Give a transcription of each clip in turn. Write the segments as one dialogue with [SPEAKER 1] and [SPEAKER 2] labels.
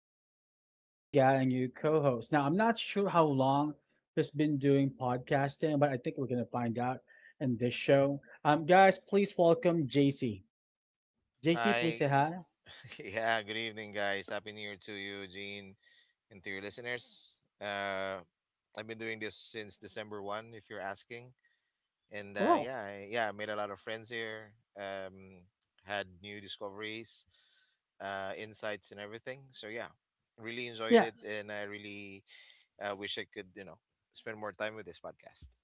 [SPEAKER 1] today we got a new co host. Now, I'm not sure how long he's been doing podcasting, but I think we're going to find out in this show. Guys, please welcome JC. JC, please
[SPEAKER 2] Hi.
[SPEAKER 1] say hi.
[SPEAKER 2] Yeah, good evening, guys. Happy New Year to you, Gene, and to your listeners. I've been doing this since December 1, if you're asking. And
[SPEAKER 1] Well,
[SPEAKER 2] yeah, yeah, I made a lot of friends here, had new discoveries, insights, and everything. So yeah, really enjoyed
[SPEAKER 1] yeah.
[SPEAKER 2] it. And I really wish I could, spend more time with this podcast.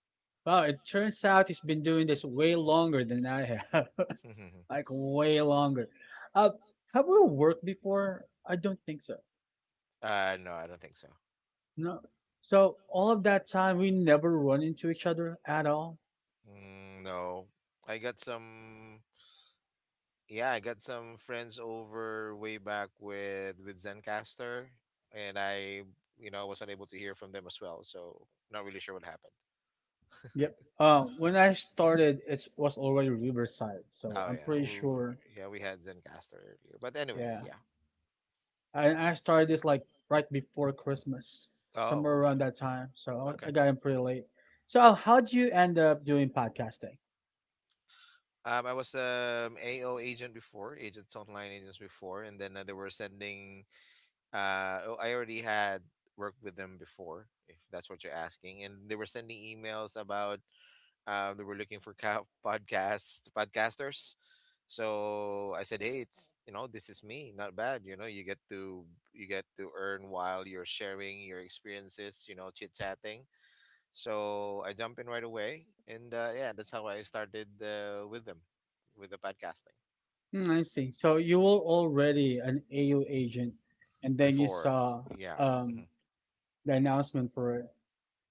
[SPEAKER 1] Well, it turns out he's been doing this way longer than I have,
[SPEAKER 2] uh,
[SPEAKER 1] like way longer. Uh, have we worked before? I don't think so.
[SPEAKER 2] no, I don't think so.
[SPEAKER 1] No. So all of that time, we never run into each other at all.
[SPEAKER 2] Mm, no. I got some. Yeah, I got some friends over way back with Zencaster, and I was unable to hear from them as well, so not really sure what happened.
[SPEAKER 1] Yep. When I started, it was already Riverside, so
[SPEAKER 2] Oh
[SPEAKER 1] I'm pretty sure.
[SPEAKER 2] yeah we had Zencaster earlier, but
[SPEAKER 1] Yeah,
[SPEAKER 2] anyways, yeah.
[SPEAKER 1] I started this like right before Christmas,
[SPEAKER 2] Oh
[SPEAKER 1] somewhere
[SPEAKER 2] okay,
[SPEAKER 1] around that time. So
[SPEAKER 2] okay.
[SPEAKER 1] I got in pretty late. So how do you end up doing podcasting?
[SPEAKER 2] I was AO agent before, agents online agents before, and then they were sending. Oh, I already had worked with them before, if that's what you're asking, and they were sending emails about they were looking for podcasters. So I said, hey, it's this is me. Not bad. You know, you get to earn while you're sharing your experiences. You know, chit chatting. So I jump in right away, and yeah, that's how I started with them, with the podcasting
[SPEAKER 1] I see. So you were already an AU agent, and then you
[SPEAKER 2] before.
[SPEAKER 1] saw
[SPEAKER 2] Yeah. hmm
[SPEAKER 1] um the announcement for it.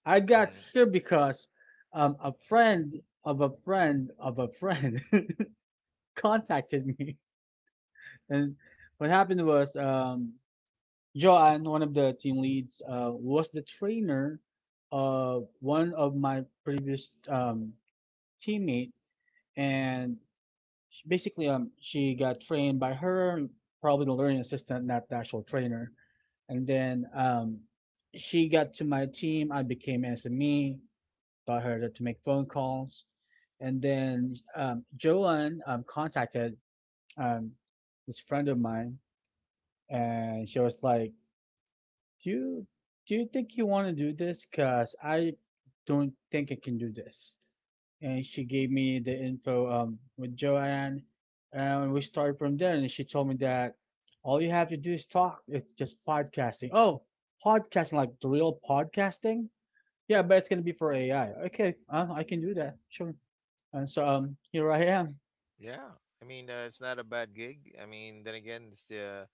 [SPEAKER 1] I got
[SPEAKER 2] hmm
[SPEAKER 1] here because a friend of a friend of a friend contacted me, and what happened was Joanne, one of the team leads, was the trainer of one of my previous teammate, and she, basically she got trained by her, probably the learning assistant, not the actual trainer, and then she got to my team. I became SME got her to make phone calls. And then Joanne contacted um, this friend of mine, and she was like, "Do you do you think you want to do this? Cause I don't think I can do this." And she gave me the info with Joanne, and we started from there. And she told me that all you have to do is talk. It's just podcasting. Oh, podcasting like the real podcasting? Yeah, but it's gonna be for AI. Okay, I can do that. Sure. And so here I am.
[SPEAKER 2] yeah, I mean, it's not a bad gig. I mean, then again, it's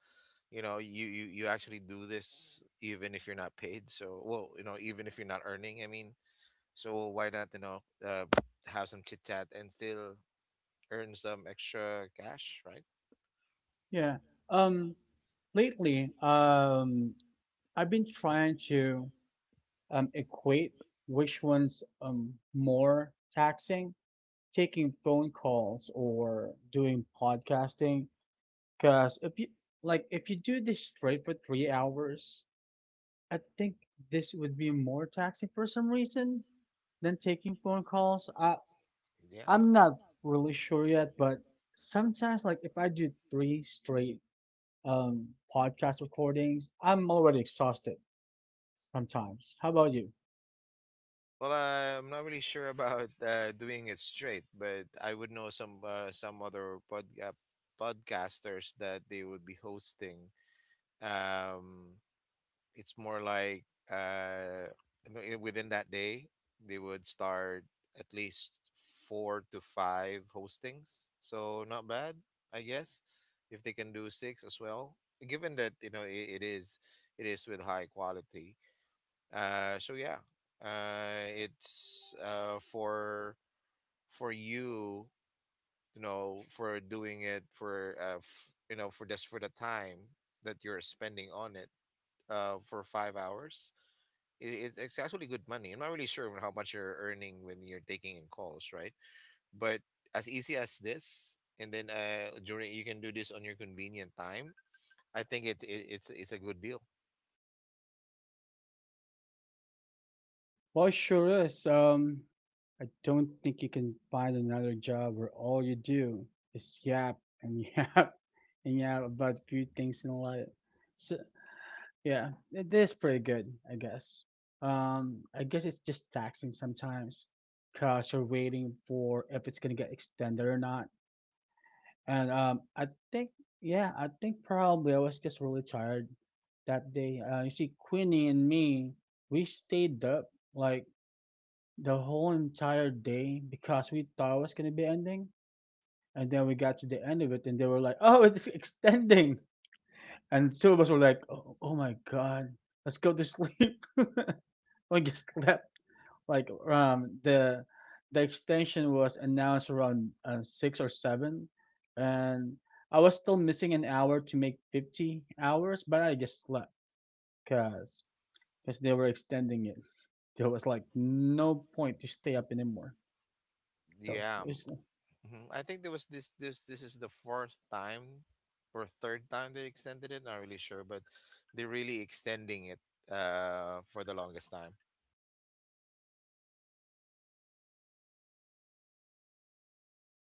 [SPEAKER 2] you know you actually do this even if you're not paid so well, you know, even if you're not earning. I mean, so why not, you know? uh, have some chit chat and still earn some extra cash, right?
[SPEAKER 1] Yeah. Um, Lately, I've been trying to equate which one's more taxing, taking phone calls or doing podcasting. Because if you like, if you do this straight for 3 hours, I think this would be more taxing for some reason than taking phone calls. I
[SPEAKER 2] Yeah,
[SPEAKER 1] I'm not really sure yet, but sometimes like if I do three straight um, podcast recordings. I'm already exhausted sometimes. How about you?
[SPEAKER 2] well I'm not really sure about doing it straight, but I would know some other podcasters that they would be hosting, um it's more like uh in within that day they would start at least four to five hostings. So not bad, I guess, if they can do six as well, given that you know it is, it is with high quality. So yeah, it's for you, you know, for doing it for you know, for just for the time that you're spending on it for 5 hours, it's actually good money. I'm not really sure how much you're earning when you're taking in calls, right? But as easy as this, and then during, you can do this on your convenient time. I think it's a good deal.
[SPEAKER 1] Well, it sure is. I don't think you can find another job where all you do is yap and yap and yap about few things in life. So yeah, it is pretty good, I guess. I guess it's just taxing sometimes because you're waiting for if it's gonna get extended or not. And I think, yeah, I think probably I was just really tired that day. You see, Queenie and me, we stayed up like the whole entire day because we thought it was gonna be ending, and then we got to the end of it, and they were like, "Oh, it's extending," and two of us were like, "Oh, oh my god, let's go to sleep." We just slept like the extension was announced around 6 or 7, and I was still missing an hour to make 50 hours, but I just slept because they were extending it. There was like no point to stay up anymore. So
[SPEAKER 2] Yeah,
[SPEAKER 1] it's,
[SPEAKER 2] mhm. I think there was this is the fourth time or third time they extended it. Not really sure, but they're really extending it for the longest time.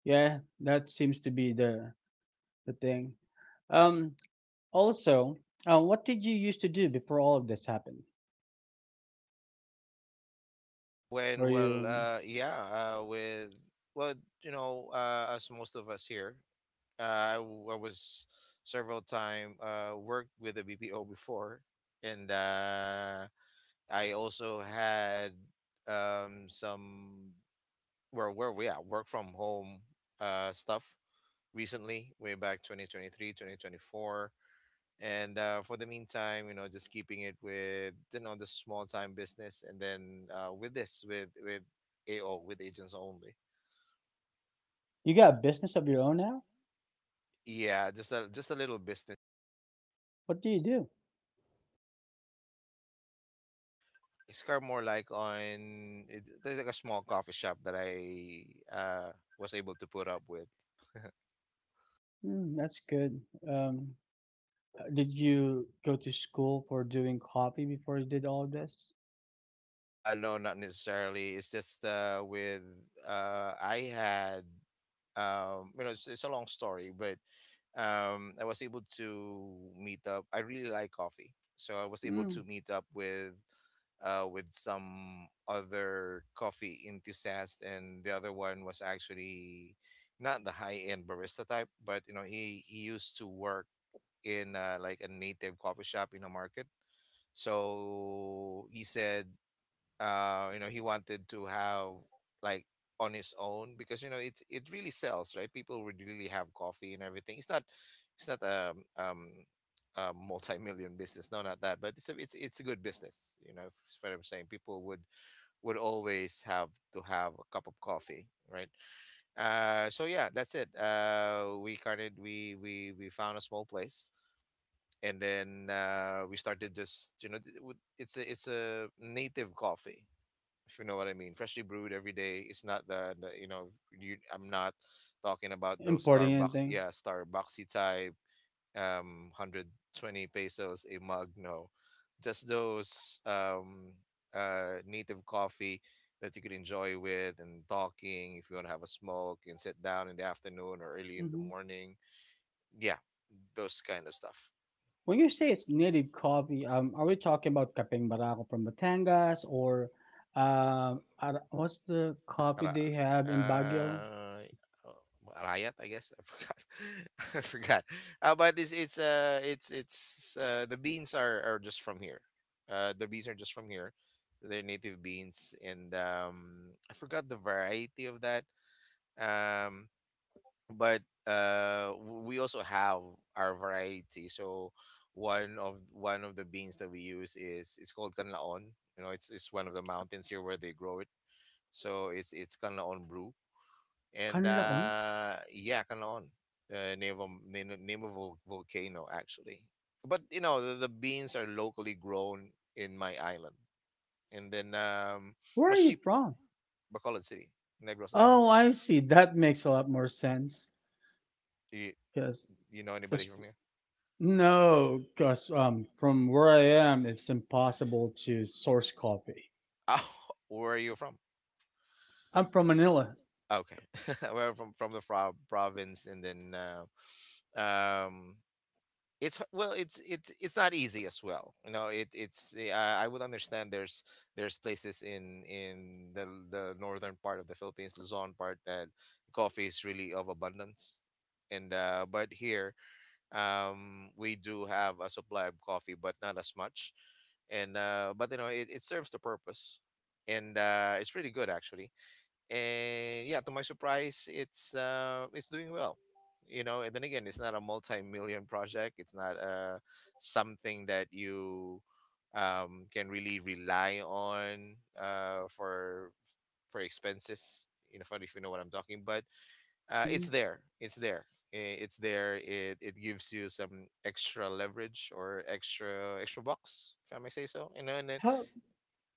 [SPEAKER 1] yeah, that seems to be the thing. Um, Also, what did you used to do before all of this happened? Were
[SPEAKER 2] When well
[SPEAKER 1] you
[SPEAKER 2] yeah with Well, you know, as most of us here. I was several time worked with a BPO before, and I also had some where we at work from home stuff recently, way back 2023 2024. And for the meantime, you know, just keeping it with you know the small time business, and then with this, with AO, with agents only.
[SPEAKER 1] you got a business of your own now?
[SPEAKER 2] Yeah, just a little business.
[SPEAKER 1] What do you do?
[SPEAKER 2] It's kind of more like on it, there's like a small coffee shop that I uh was able to put up with.
[SPEAKER 1] Mm, that's good. Um, Did you go to school for doing coffee before you did all of this?
[SPEAKER 2] No, not necessarily. It's just with I had, you know, it's a long story, but I was able to meet up. I really like coffee, so I was able
[SPEAKER 1] Mm,
[SPEAKER 2] to meet up with some other coffee enthusiast, and the other one was actually not the high end barista type, but you know, he used to work in like a native coffee shop in a market. So he said you know he wanted to have like on his own, because you know it really sells, right? People would really have coffee and everything. It's not, it's not a um a multi-million business. No, not that, but it's a, it's it's a good business, you know, if it's what I'm saying. People would always have to have a cup of coffee, right? So yeah, that's it. We kind of, we found a small place, and then we started just, you know, it's a, it's a native coffee, if you know what I mean. Freshly brewed every day. It's not the, you know, you, I'm not talking about those
[SPEAKER 1] importing
[SPEAKER 2] Starbucks,
[SPEAKER 1] anything?
[SPEAKER 2] yeah, Starbucksy type 120 pesos a mug. No, just those native coffee that you could enjoy with, and talking, if you want to have a smoke and sit down in the afternoon or early in the
[SPEAKER 1] Hmm.
[SPEAKER 2] morning. Yeah, those kind of stuff.
[SPEAKER 1] When you say it's native coffee, are we talking about Kapeng Barako from Batangas or what's the coffee
[SPEAKER 2] Ra
[SPEAKER 1] they have in Baguio?
[SPEAKER 2] uh, Riot, I guess? I forgot. I forgot. But it's the beans are just from here. The beans are just from here. They're native beans, and I forgot the variety of that. Um, but we also have our variety. So one of the beans that we use is, it's called kanlaon. You know, it's one of the mountains here where they grow it. So it's kanlaon brew. And
[SPEAKER 1] Canlaon?
[SPEAKER 2] yeah, Kalaon, name of name of volcano, actually. But you know the beans are locally grown in my island, and then
[SPEAKER 1] Where are
[SPEAKER 2] much
[SPEAKER 1] you
[SPEAKER 2] cheap.
[SPEAKER 1] from?
[SPEAKER 2] Bacolod City, Negros Island.
[SPEAKER 1] Oh, I see. That makes a lot more sense.
[SPEAKER 2] you,
[SPEAKER 1] Because,
[SPEAKER 2] you know anybody
[SPEAKER 1] because,
[SPEAKER 2] from here?
[SPEAKER 1] no, because from where I am, it's impossible to source coffee.
[SPEAKER 2] Oh, where are you from?
[SPEAKER 1] I'm from Manila.
[SPEAKER 2] Okay. We're from, province, and then well it's not easy as well, you know. It it's I would understand there's places in the northern part of the Philippines, Luzon part, that coffee is really of abundance. And but here, we do have a supply of coffee, but not as much. And but you know it serves the purpose. And it's pretty good, actually. And yeah, to my surprise, it's doing well, you know. And then again, it's not a multi-million project. It's not something that you can really rely on uh for for expenses, you know, if you know what I'm talking. But it's
[SPEAKER 1] Hmm.
[SPEAKER 2] there, it's there. It's there. It gives you some extra leverage, or extra box, if I may say so, you know. And then,
[SPEAKER 1] How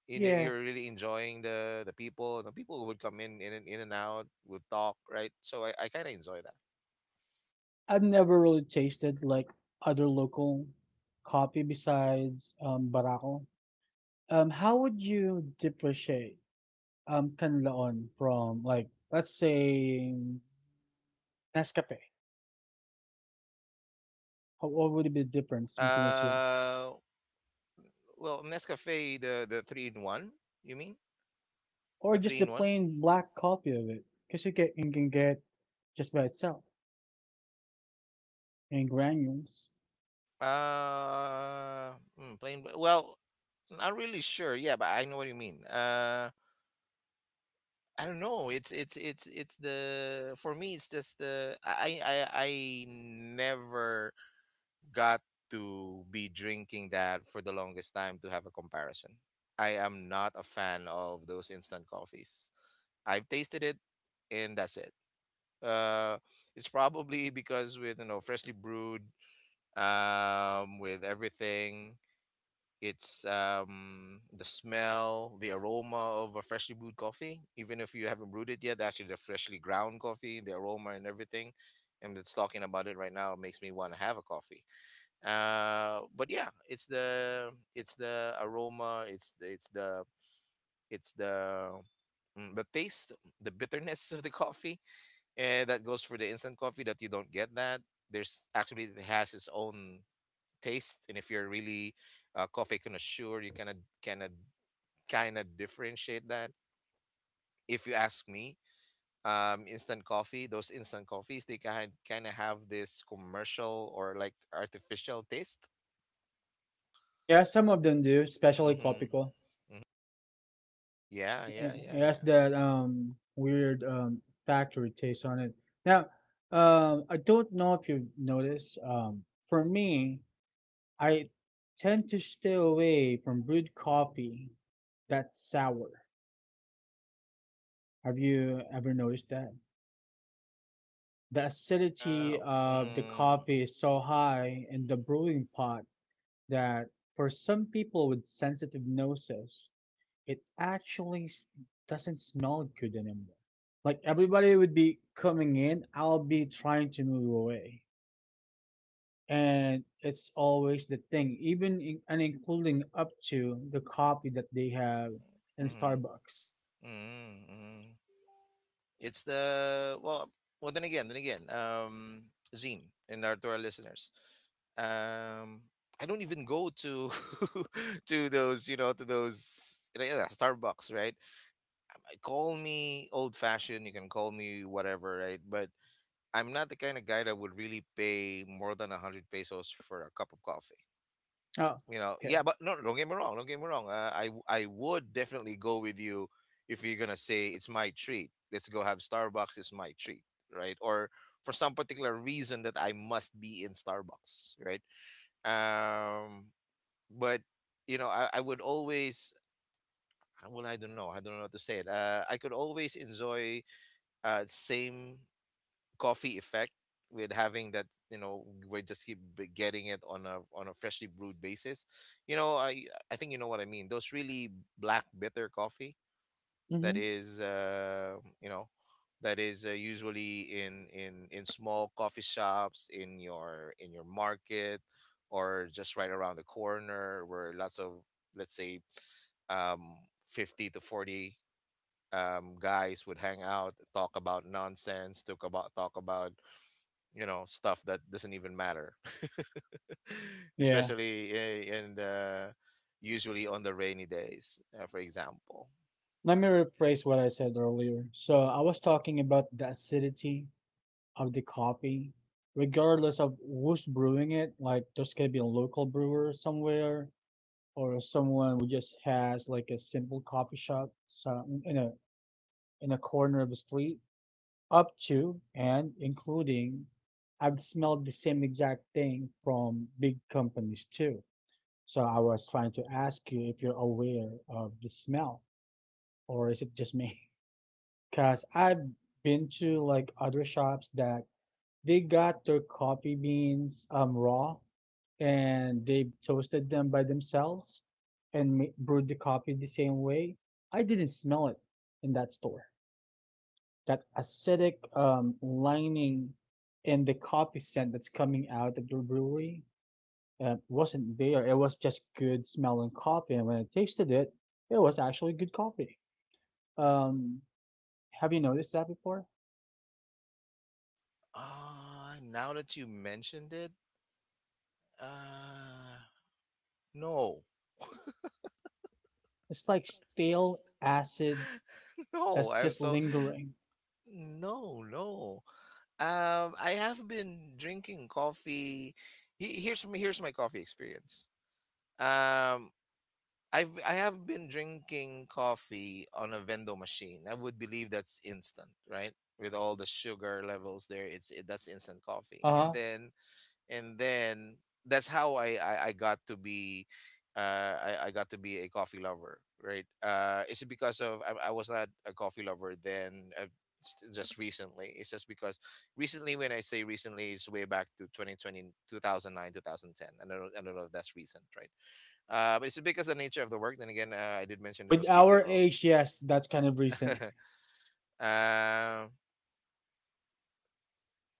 [SPEAKER 2] you know,
[SPEAKER 1] Yeah,
[SPEAKER 2] you're really enjoying the people. The people would come in, in and out, would talk, right? So I kind of enjoy
[SPEAKER 1] I've never really tasted like other local coffee besides Barako. How would you differentiate Canlaon from like let's say Nescafe? How what would be the difference
[SPEAKER 2] that.
[SPEAKER 1] between the two,
[SPEAKER 2] Well, Nescafe, the, three in one, you mean?
[SPEAKER 1] or
[SPEAKER 2] The
[SPEAKER 1] just
[SPEAKER 2] three
[SPEAKER 1] the
[SPEAKER 2] in one,
[SPEAKER 1] plain black coffee of it? Because you can get just by itself in granules.
[SPEAKER 2] uh plain well, not really sure, yeah, but I know what you mean. I don't know. It's the, for me, it's just the, I never got to be drinking that for the longest time to have a comparison. I am not a fan of those instant coffees. I've tasted it, and that's it. Uh, it's probably because with you know freshly brewed, with everything. It's, the smell, the aroma of a freshly brewed coffee. Even if you haven't brewed it yet, actually, the freshly ground coffee, the aroma and everything. And it's, talking about it right now, makes me want to have a coffee. But yeah, it's the aroma. It's the, the taste, the bitterness of the coffee. And that goes for the instant coffee, that you don't get that. There's actually, it has its own taste. And if you're really a coffee connoisseur, you kind of, kind of kind of differentiate that, if you ask me. Instant coffee, those instant coffees, they kind of have this commercial or like artificial taste.
[SPEAKER 1] Yeah, some of them do, especially
[SPEAKER 2] Mm-hmm.
[SPEAKER 1] Copico.
[SPEAKER 2] Hmm. Yeah, yeah,
[SPEAKER 1] it
[SPEAKER 2] yeah,
[SPEAKER 1] it has
[SPEAKER 2] yeah.
[SPEAKER 1] that weird factory taste on it. Now, I don't know if you've noticed. For me, I tend to stay away from brewed coffee that's sour. Have you ever noticed that? The
[SPEAKER 2] uh
[SPEAKER 1] acidity of the
[SPEAKER 2] mm,
[SPEAKER 1] coffee is so high in the brewing pot that for some people with sensitive noses, It actually s- doesn't smell good anymore. Like everybody would be coming in, I'll be trying to move away. And it's always the thing, even in, and including up to the coffee that they have in
[SPEAKER 2] mm-hmm.
[SPEAKER 1] Starbucks.
[SPEAKER 2] Mm-hmm. Mm-hmm. It's the Well, well. Zine and to our listeners, um I don't even go to to those you know to those like, yeah, Starbucks, right? I Call me old fashioned, you can call me whatever, right? But I'm not the kind of guy that would really pay more than 100 pesos for a cup of coffee
[SPEAKER 1] Oh,
[SPEAKER 2] you know Yeah,
[SPEAKER 1] okay.
[SPEAKER 2] but no, don't get me wrong, I would definitely go with you if you're gonna say it's my treat. Let's go have Starbucks, it's my treat, right? Or for some particular reason that I must be in Starbucks, right? Um but you know, I would always well, I don't know how to say it. I could always enjoy same coffee effect with having that. We just getting it on a freshly brewed basis. you know i I think you know what I mean, those really black bitter coffee that
[SPEAKER 1] Hmm.
[SPEAKER 2] is you know that is usually in small coffee shops in your market, or just right around the corner where lots of, let's say, um 50 to 40 guys would hang out, talk about nonsense, talk about, you know, stuff that doesn't even matter.
[SPEAKER 1] Yeah.
[SPEAKER 2] Especially in the, usually on the rainy days, for example.
[SPEAKER 1] Let me rephrase what I said earlier. So I was talking about the acidity of the coffee, regardless of who's brewing it. Like there's gonna be a local brewer somewhere, or someone who just has like a simple coffee shop some in a corner of the street up to and including I've smelled the same exact thing from big companies too. So I was trying to ask you if you're aware of the smell, or is it just me? Because I've been to like other shops that they got their coffee beans raw and they toasted them by themselves and brewed the coffee the same way. I didn't smell it in that store. That acidic lining and the coffee scent that's coming out of the brewery wasn't there. It was just good smelling coffee. And when I tasted it, it was actually good coffee. Um, have you noticed that before?
[SPEAKER 2] Now that you mentioned it, uh, no.
[SPEAKER 1] It's like stale acid
[SPEAKER 2] No,
[SPEAKER 1] that's
[SPEAKER 2] I'm
[SPEAKER 1] just
[SPEAKER 2] so
[SPEAKER 1] lingering.
[SPEAKER 2] no, no. I have been drinking coffee. Here's my coffee experience. Um, I have been drinking coffee on a vendo machine. I would believe that's instant, right? With all the sugar levels there, that's instant coffee.
[SPEAKER 1] Uh
[SPEAKER 2] And
[SPEAKER 1] huh.
[SPEAKER 2] then and then that's how I got to be uh, I got to be a coffee lover, right? Is it because of, I was not a coffee lover then? Just recently, it's just because recently. When I say recently, it's way back to twenty twenty two thousand 2010, I don't know if that's recent, right? Uh, but it's because the nature of the work, then again, I did mention it
[SPEAKER 1] With
[SPEAKER 2] was
[SPEAKER 1] our
[SPEAKER 2] bpo.
[SPEAKER 1] age, yes, that's kind of recent.
[SPEAKER 2] um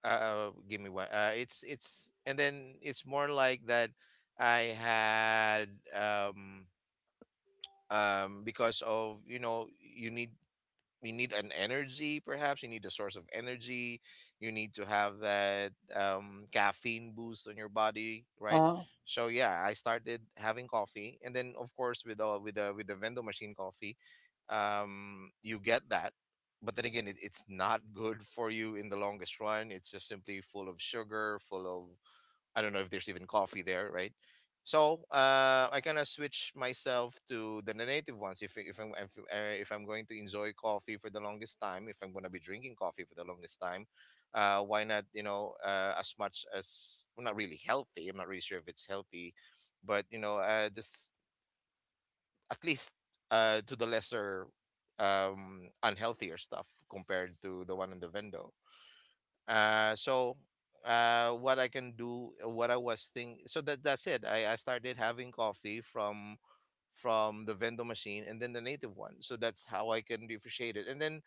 [SPEAKER 2] Give me one. It's and then It's more like that. I had, um, because of you know, you need, you need an energy, perhaps you need a source of energy, you need to have that, caffeine boost on your body, right?
[SPEAKER 1] Uh,
[SPEAKER 2] So yeah, I started having coffee, and then of course, with all with the vending machine coffee, you get that. But then again, it's not good for you in the longest run, it's just simply full of sugar, full of, I don't know if there's even coffee there, right? So I kind of switch myself to the native ones. If I'm going to enjoy coffee for the longest time, if I'm going to be drinking coffee for the longest time, why not? You know, as much as, well, not really healthy, I'm not really sure if it's healthy, but you know, just at least to the lesser um, unhealthier stuff compared to the one in the window. Uh so, uh, what I can do, what I was think, so that, that's it. I started having coffee from the vendor machine, and then the native one, so that's how I can differentiate it. And then,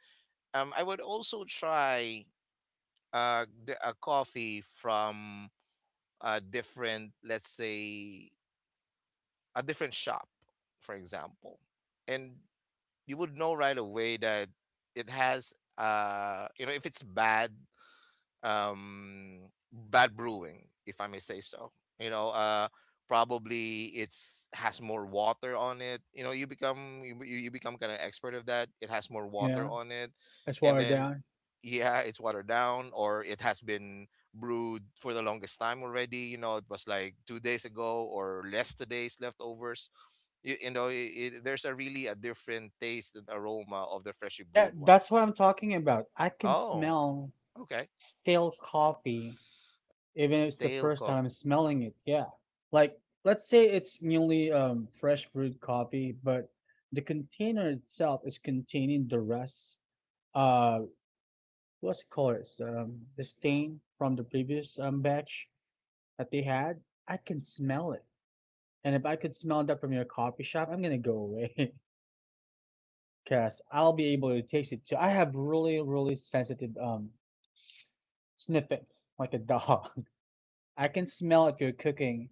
[SPEAKER 2] um, I would also try the, a coffee from a different, let's say, a different shop, for example. And you would know right away that it has, uh, you know, if it's bad, bad brewing, if I may say so. You know, probably it's has more water on it. You know, you become you become kind of expert of that. It has more water
[SPEAKER 1] yeah,
[SPEAKER 2] on it.
[SPEAKER 1] that's
[SPEAKER 2] And
[SPEAKER 1] watered
[SPEAKER 2] then
[SPEAKER 1] down.
[SPEAKER 2] yeah, it's watered down, or it has been brewed for the longest time already. You know, it was like 2 days ago, or less, today's leftovers. You, you know, i there's a really a different taste and aroma of the freshly
[SPEAKER 1] Yeah,
[SPEAKER 2] brewed one.
[SPEAKER 1] that's what I'm talking about. I can
[SPEAKER 2] Oh,
[SPEAKER 1] smell
[SPEAKER 2] okay.
[SPEAKER 1] stale coffee, even if it's the
[SPEAKER 2] Stale.
[SPEAKER 1] first time I'm smelling it. Yeah. Like, let's say it's newly fresh brewed coffee, but the container itself is containing the rest. Uh, what's it called? It's the stain from the previous batch that they had. I can smell it. And if I could smell that from your coffee shop, I'm gonna go away. Because I'll be able to taste it too. I have really, really sensitive sniffing, like a dog. I can smell if your cooking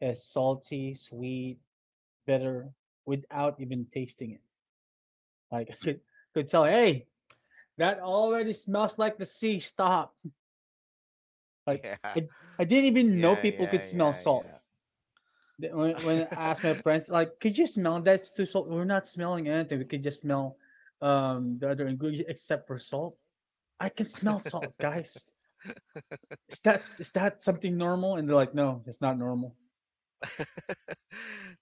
[SPEAKER 1] is salty, sweet, bitter, without even tasting it. Like I could tell, hey, that already smells like the sea. Stop. Like
[SPEAKER 2] Yeah.
[SPEAKER 1] I, I didn't even know
[SPEAKER 2] Yeah,
[SPEAKER 1] people could
[SPEAKER 2] yeah,
[SPEAKER 1] smell
[SPEAKER 2] yeah,
[SPEAKER 1] salt.
[SPEAKER 2] yeah.
[SPEAKER 1] When I asked my friends, like, could you smell that's too salt? We're not smelling anything. We could just smell the other ingredients except for salt. I can smell salt, guys. Is that something normal? And they're like, no, it's not normal.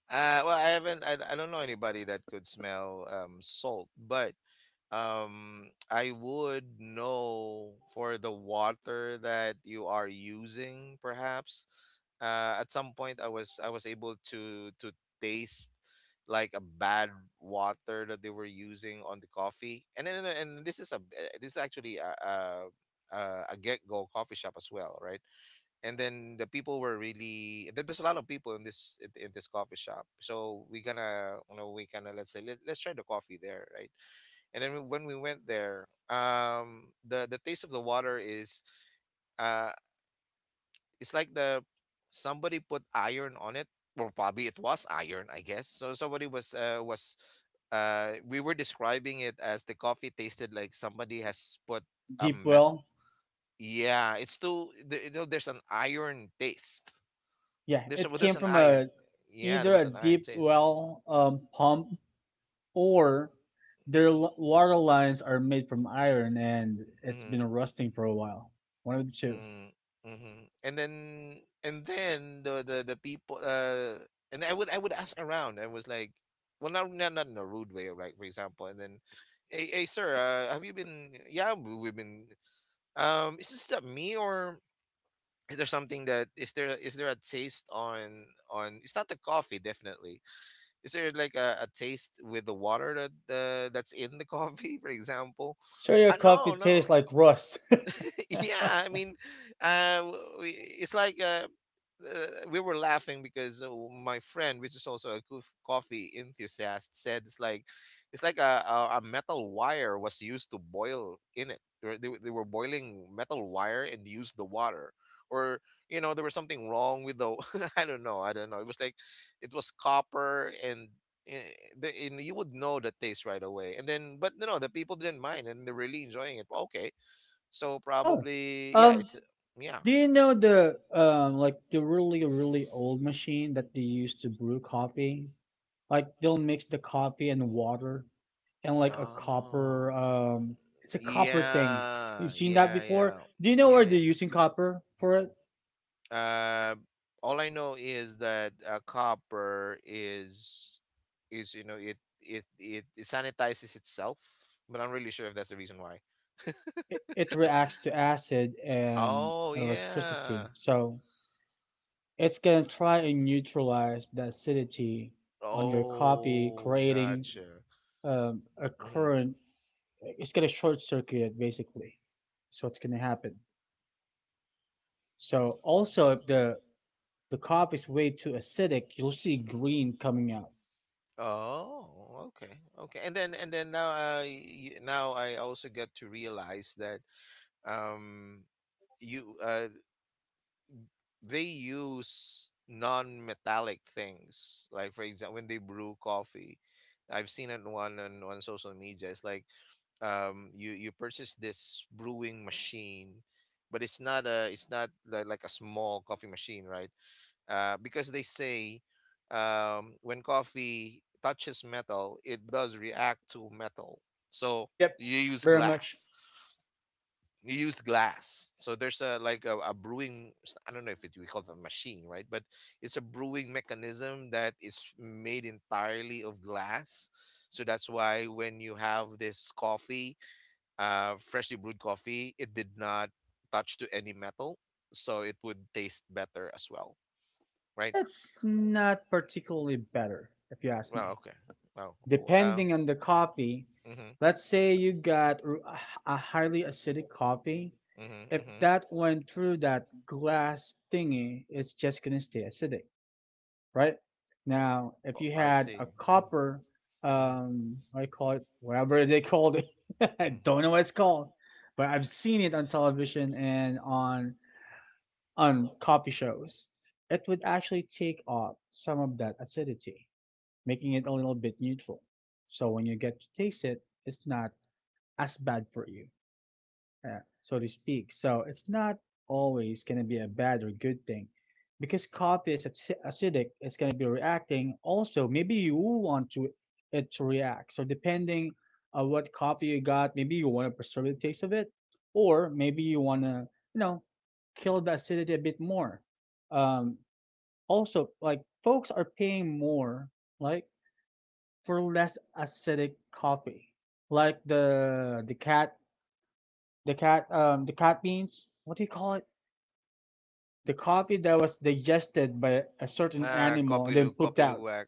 [SPEAKER 2] Uh, well, I haven't. I don't know anybody that could smell, salt, but um, I would know for the water that you are using, perhaps. Uh, at some point, I was able to taste like a bad water that they were using on the coffee. And then, and this is a, eh, this is actually a, a get-go coffee shop as well, right? And then the people were really there's a lot of people in this, in this coffee shop. So we gonna, you know, we gonna, let's say, let's try the coffee there, right? And then when we went there, um, the taste of the water is, uh, it's like the, somebody put iron on it, or probably it was iron, I guess. So somebody was, we were describing it as the coffee tasted like somebody has put a
[SPEAKER 1] Deep
[SPEAKER 2] met—
[SPEAKER 1] well.
[SPEAKER 2] yeah, it's too the, you know, there's an iron taste.
[SPEAKER 1] Yeah, it
[SPEAKER 2] There's
[SPEAKER 1] came
[SPEAKER 2] an
[SPEAKER 1] from
[SPEAKER 2] iron, yeah, there was
[SPEAKER 1] a
[SPEAKER 2] an iron
[SPEAKER 1] deep
[SPEAKER 2] taste.
[SPEAKER 1] well pump, or their water lines are made from iron and it's
[SPEAKER 2] Hmm.
[SPEAKER 1] been rusting for a while. One of the two.
[SPEAKER 2] Mm, hmm. And then, the, people, uh, and I would ask around. I was like, well, not in a rude way, right? For example, and then, hey, have you been? Yeah, we've been. Is this that me, or is there something that, is there a taste on, on? It's not the coffee, definitely. Is there like a taste with the water that, that's in the coffee, for example?
[SPEAKER 1] So your coffee
[SPEAKER 2] No, no.
[SPEAKER 1] tastes like rust.
[SPEAKER 2] Yeah, I mean, we, it's like, we were laughing because, my friend, which is also a goof, coffee enthusiast, said it's like, it's like a metal wire was used to boil in it. They were boiling metal wire and used the water. Or you know, there was something wrong with the I don't know, it was like, it was copper, and, eh, the, and you would know the taste right away. And then, but no, the people didn't mind and they were really enjoying it, okay. So
[SPEAKER 1] Oh,
[SPEAKER 2] probably, yeah,
[SPEAKER 1] um,
[SPEAKER 2] it's, yeah.
[SPEAKER 1] do you know the like the really really old machine that they use to brew coffee? Like they'll mix the coffee and water and like a copper
[SPEAKER 2] Oh.
[SPEAKER 1] it's a copper thing. You've
[SPEAKER 2] Yeah,
[SPEAKER 1] seen that
[SPEAKER 2] yeah,
[SPEAKER 1] before?
[SPEAKER 2] yeah.
[SPEAKER 1] Do you know where they're
[SPEAKER 2] Yeah,
[SPEAKER 1] using copper for it?
[SPEAKER 2] yeah. All I know is that, copper is, you know, it sanitizes itself, but I'm really sure if that's the reason why.
[SPEAKER 1] It reacts to acid and
[SPEAKER 2] Oh yeah.
[SPEAKER 1] electricity, so it's going to try and neutralize the acidity on your copy
[SPEAKER 2] Oh,
[SPEAKER 1] creating
[SPEAKER 2] gotcha.
[SPEAKER 1] a
[SPEAKER 2] Hmm.
[SPEAKER 1] current. It's going to short circuit basically, so it's going to happen. So also if the coffee is way too acidic, you'll see green coming out.
[SPEAKER 2] Oh, okay, okay. And then, now, now I also get to realize that, um, you, uh, they use non-metallic things, like for example, when they brew coffee, I've seen it one on social media. It's like, um, you purchase this brewing machine, but it's not a, it's not li- like a small coffee machine, right? Uh, because they say, um, when coffee touches metal, it does react to metal. So
[SPEAKER 1] Yep.
[SPEAKER 2] you use
[SPEAKER 1] Very much.
[SPEAKER 2] glass, you use glass. So there's a like a brewing, I don't know if it, we call it a machine, right? But it's a brewing mechanism that is made entirely of glass. So that's why when you have this coffee, freshly brewed coffee, it did not touch to any metal, so it would taste better as well, right?
[SPEAKER 1] It's not particularly better, if you ask
[SPEAKER 2] Well,
[SPEAKER 1] me.
[SPEAKER 2] okay. Well, uh, uh,
[SPEAKER 1] Depending on the coffee,
[SPEAKER 2] mhm,
[SPEAKER 1] let's say you got a highly acidic coffee.
[SPEAKER 2] mhm,
[SPEAKER 1] If
[SPEAKER 2] mhm.
[SPEAKER 1] that went through that glass thingy, it's just gonna stay acidic, right? Now, if
[SPEAKER 2] Oh,
[SPEAKER 1] you
[SPEAKER 2] I
[SPEAKER 1] had
[SPEAKER 2] see.
[SPEAKER 1] a copper,
[SPEAKER 2] Mm-hmm.
[SPEAKER 1] what do you call it, whatever they called it, I
[SPEAKER 2] Mhm.
[SPEAKER 1] don't know what it's called, but I've seen it on television and on coffee shows, it would actually take off some of that acidity, making it a little bit neutral. So when you get to taste it, it's not as bad for you so to speak. So it's not always going to be a bad or good thing. Because coffee is acidic, it's going to be reacting. Also, maybe you want to it to react. So depending on what coffee you got, maybe you want to preserve the taste of it, or maybe you want to, you know, kill the acidity a bit more. Um, Also, like folks are paying more, like for less acidic coffee, like the cat the cat beans, what do you call it, the coffee that was digested by a certain animal and then
[SPEAKER 2] Kopilu,
[SPEAKER 1] pooped out.
[SPEAKER 2] Kopiluwak,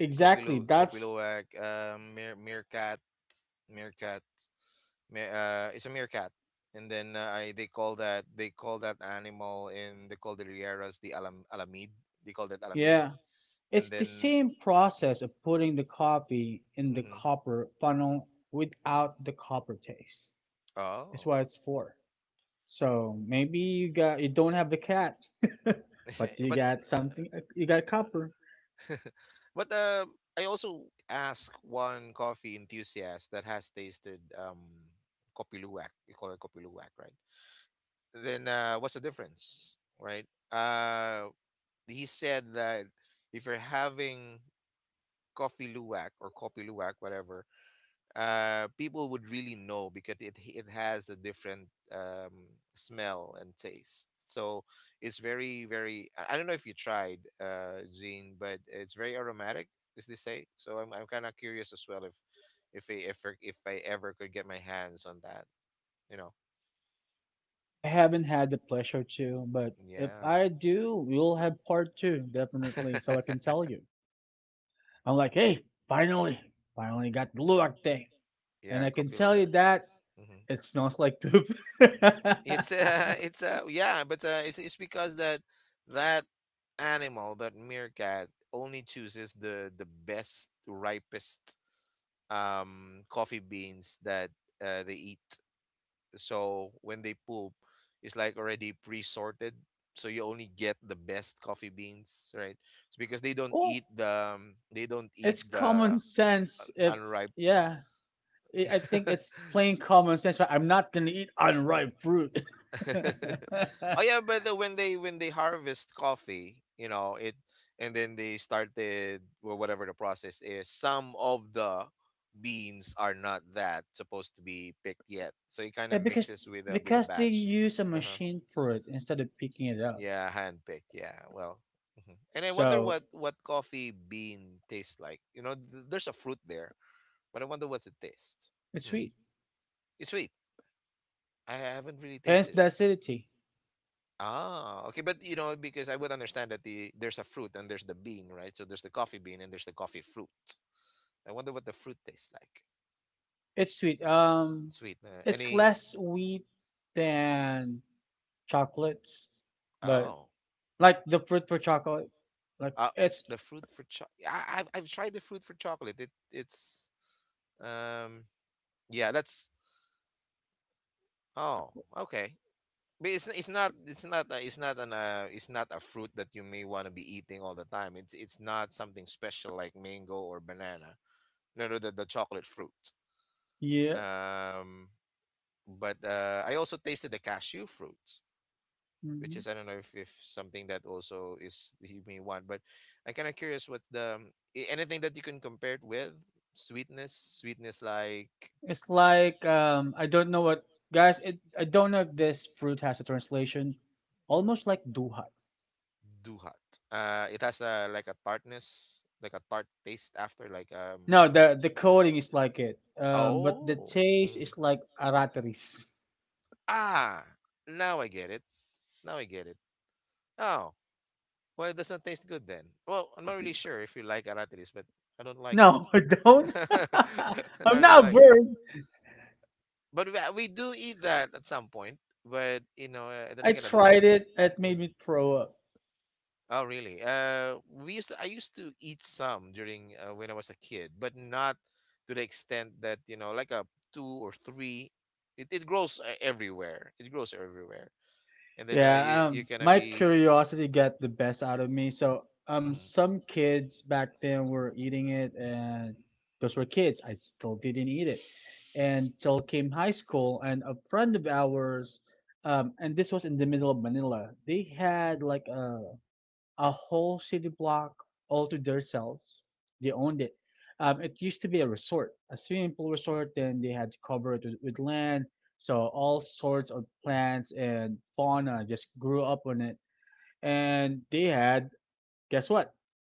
[SPEAKER 1] Exactly,
[SPEAKER 2] Kopilu,
[SPEAKER 1] that's
[SPEAKER 2] Kopiluwak, Mir, Meerkat, Meerkat, it's a meerkat. And then they call that, they call that animal in the Cordilleras the alam, alamid. They call that alamid.
[SPEAKER 1] yeah, it's
[SPEAKER 2] And
[SPEAKER 1] the
[SPEAKER 2] then,
[SPEAKER 1] same process of putting the coffee in the
[SPEAKER 2] mhm.
[SPEAKER 1] copper funnel without the copper taste is
[SPEAKER 2] Oh.
[SPEAKER 1] what it's for. So maybe you got, you don't have the cat but you
[SPEAKER 2] But.
[SPEAKER 1] got something, you got copper.
[SPEAKER 2] But I also asked one coffee enthusiast that has tasted, Kopi Luwak. You call it Kopi Luwak, right? Then what's the difference, right? Uh, he said that if you're having Coffee Luwak or Kopi Luwak, whatever, people would really know because it has a different, smell and taste. So it's very very. I don't know if you tried, Zine, but it's very aromatic. Is this say? So I'm kind of curious as well if I, if I ever could get my hands on that. You know.
[SPEAKER 1] I haven't had the pleasure to, but if
[SPEAKER 2] Yeah.
[SPEAKER 1] I do, we'll have part two definitely, so I can tell you I'm like, hey, finally, finally got the Luwak thing. And
[SPEAKER 2] Yeah.
[SPEAKER 1] I can
[SPEAKER 2] Kopi
[SPEAKER 1] tell you
[SPEAKER 2] Luwak.
[SPEAKER 1] that it smells like poop.
[SPEAKER 2] It's it's yeah, but it's because that, that animal, that meerkat, only chooses the best, ripest, um, coffee beans that, they eat. So when they poop, it's like already pre-sorted. So you only get the best coffee beans, right? It's because they don't
[SPEAKER 1] Well,
[SPEAKER 2] eat the, they don't eat
[SPEAKER 1] it's
[SPEAKER 2] the
[SPEAKER 1] common sense. If
[SPEAKER 2] unripe.
[SPEAKER 1] yeah, I think it's plain common sense. Right? I'm not gonna eat unripe fruit.
[SPEAKER 2] Oh yeah, but the, when they, when they harvest coffee, you know it, and then they started, well, whatever the process is. Some of the beans are not that supposed to be picked yet, so it kind of
[SPEAKER 1] Yeah, because
[SPEAKER 2] mixes with a, with a
[SPEAKER 1] they
[SPEAKER 2] batch.
[SPEAKER 1] use a
[SPEAKER 2] Uh huh.
[SPEAKER 1] machine for it instead of picking it up,
[SPEAKER 2] Yeah, handpicked. Yeah. Well, mhm, and I wonder
[SPEAKER 1] so
[SPEAKER 2] what coffee bean tastes like. You know, there's a fruit there, but I wonder what's it taste.
[SPEAKER 1] it's
[SPEAKER 2] Hmm.
[SPEAKER 1] sweet.
[SPEAKER 2] It's sweet. I haven't really
[SPEAKER 1] Hence
[SPEAKER 2] tasted
[SPEAKER 1] the
[SPEAKER 2] it.
[SPEAKER 1] acidity.
[SPEAKER 2] Ah, okay, but you know, because I would understand that there's a fruit and there's the bean, right? So there's the coffee bean and there's the coffee fruit. I wonder what the fruit tastes like.
[SPEAKER 1] It's sweet.
[SPEAKER 2] Sweet.
[SPEAKER 1] It's
[SPEAKER 2] Any?
[SPEAKER 1] less sweet than chocolates, but
[SPEAKER 2] Oh,
[SPEAKER 1] like the fruit for chocolate, like
[SPEAKER 2] uh,
[SPEAKER 1] it's
[SPEAKER 2] the fruit for chocolate. I've tried the fruit for chocolate. It it's, um, yeah. That's, oh okay. But it's not a, it's not an it's not a fruit that you may want to be eating all the time. It's not something special like mango or banana. No, no, the chocolate fruit.
[SPEAKER 1] yeah,
[SPEAKER 2] Um, but I also tasted the cashew fruit, which
[SPEAKER 1] mhm.
[SPEAKER 2] is I don't know if something that also is he may want. But I'm kind of curious what's anything that you can compare it with sweetness, sweetness like
[SPEAKER 1] It's like I don't know what guys it, I don't know if this fruit has a translation, almost like duha.
[SPEAKER 2] duhat. It has a like a tartness, like a tart taste after,
[SPEAKER 1] No,
[SPEAKER 2] like
[SPEAKER 1] the coating is like it, but the
[SPEAKER 2] oh,
[SPEAKER 1] taste
[SPEAKER 2] mm.
[SPEAKER 1] is like arateris.
[SPEAKER 2] Ah, now I get it. Now I get it. Oh, well, it doesn't taste good then. Well, I'm not really sure if you like aratilis, but I don't like it.
[SPEAKER 1] No, I don't.
[SPEAKER 2] No,
[SPEAKER 1] I'm
[SPEAKER 2] I don't
[SPEAKER 1] not a
[SPEAKER 2] like it.
[SPEAKER 1] bird.
[SPEAKER 2] But we do eat that at some point. But you know, then
[SPEAKER 1] I
[SPEAKER 2] again, I don't
[SPEAKER 1] tried
[SPEAKER 2] like.
[SPEAKER 1] it. It made
[SPEAKER 2] Mhm.
[SPEAKER 1] me throw up.
[SPEAKER 2] Oh, really? I used to eat some during when I was a kid, but not to the extent that you know, like a two or three. It grows everywhere. It grows everywhere, and then you yeah,
[SPEAKER 1] Yeah,
[SPEAKER 2] you're gonna
[SPEAKER 1] my
[SPEAKER 2] be.
[SPEAKER 1] curiosity got the best out of me. So,
[SPEAKER 2] Mhm.
[SPEAKER 1] some kids back then were eating it, and those were kids. I still didn't eat it until came high school, and a friend of ours, and this was in the middle of Manila. They had like a whole city block all to themselves. They owned it. It used to be a resort, a swimming pool resort. Then they had to cover it with land, so all sorts of plants and fauna just grew up on it. And they had, guess what?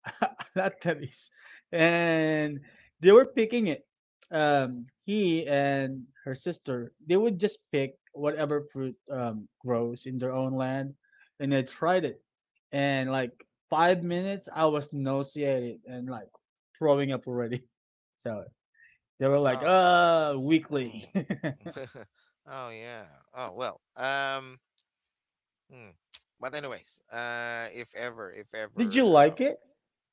[SPEAKER 1] Not Tebis. And they were picking it. He and her sister, they would just pick whatever fruit grows in their own land, and they tried it. And like 5 minutes, I was nauseated and like throwing up already. So they were like,
[SPEAKER 2] Oh.
[SPEAKER 1] Weekly."
[SPEAKER 2] Mm. Oh yeah. Oh well. Mm. But anyways, if ever, if
[SPEAKER 1] Did you
[SPEAKER 2] ever, uh,
[SPEAKER 1] like it?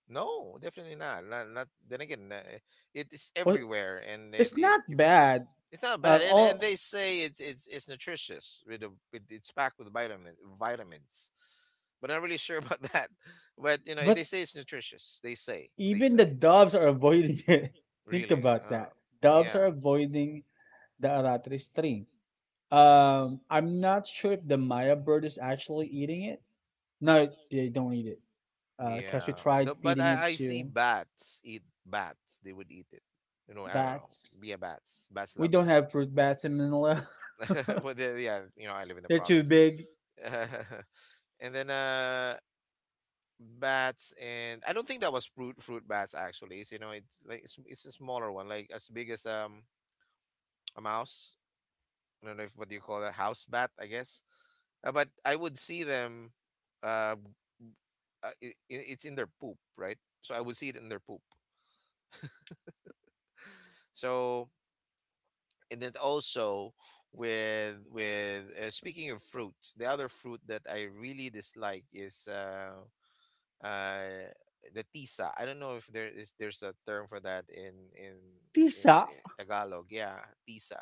[SPEAKER 2] no, definitely not. Not, not. Then again, it is
[SPEAKER 1] Well,
[SPEAKER 2] everywhere, and it
[SPEAKER 1] it's
[SPEAKER 2] it
[SPEAKER 1] not
[SPEAKER 2] gives.
[SPEAKER 1] bad.
[SPEAKER 2] It's not bad, and
[SPEAKER 1] All
[SPEAKER 2] they say it's nutritious with the with it's packed with vitamins, but I'm not really sure about that. But you know, they
[SPEAKER 1] but
[SPEAKER 2] say it's nutritious. They say they
[SPEAKER 1] Even the
[SPEAKER 2] say
[SPEAKER 1] doves are avoiding it. Think
[SPEAKER 2] really.
[SPEAKER 1] about that. Doves are
[SPEAKER 2] Yeah.
[SPEAKER 1] avoiding the Aratree string. I'm not sure if the Maya bird is actually eating it. No, they don't eat it. Because we
[SPEAKER 2] Yeah, the,
[SPEAKER 1] tried
[SPEAKER 2] but
[SPEAKER 1] feeding it
[SPEAKER 2] I see
[SPEAKER 1] to
[SPEAKER 2] bats eat bats. They would eat it. You know, I don't know.
[SPEAKER 1] bats.
[SPEAKER 2] Yeah, bats. Bats
[SPEAKER 1] We
[SPEAKER 2] love it.
[SPEAKER 1] don't have fruit bats in Manila.
[SPEAKER 2] But the- yeah, you know, I live in the
[SPEAKER 1] They're too
[SPEAKER 2] province.
[SPEAKER 1] big.
[SPEAKER 2] And then bats and I don't think that was fruit bats actually. It's, you know, it's like it's a smaller one, like as big as a mouse. I don't know if what do you call that house bat, I guess. But I would see them. Uh, uh, it's in their poop, right? So I would see it in their poop. So and then also with speaking of fruits the other fruit that I really dislike is uh the tisa. I don't know if there is there's a term for that in in
[SPEAKER 1] Tisa,
[SPEAKER 2] in tagalog yeah tisa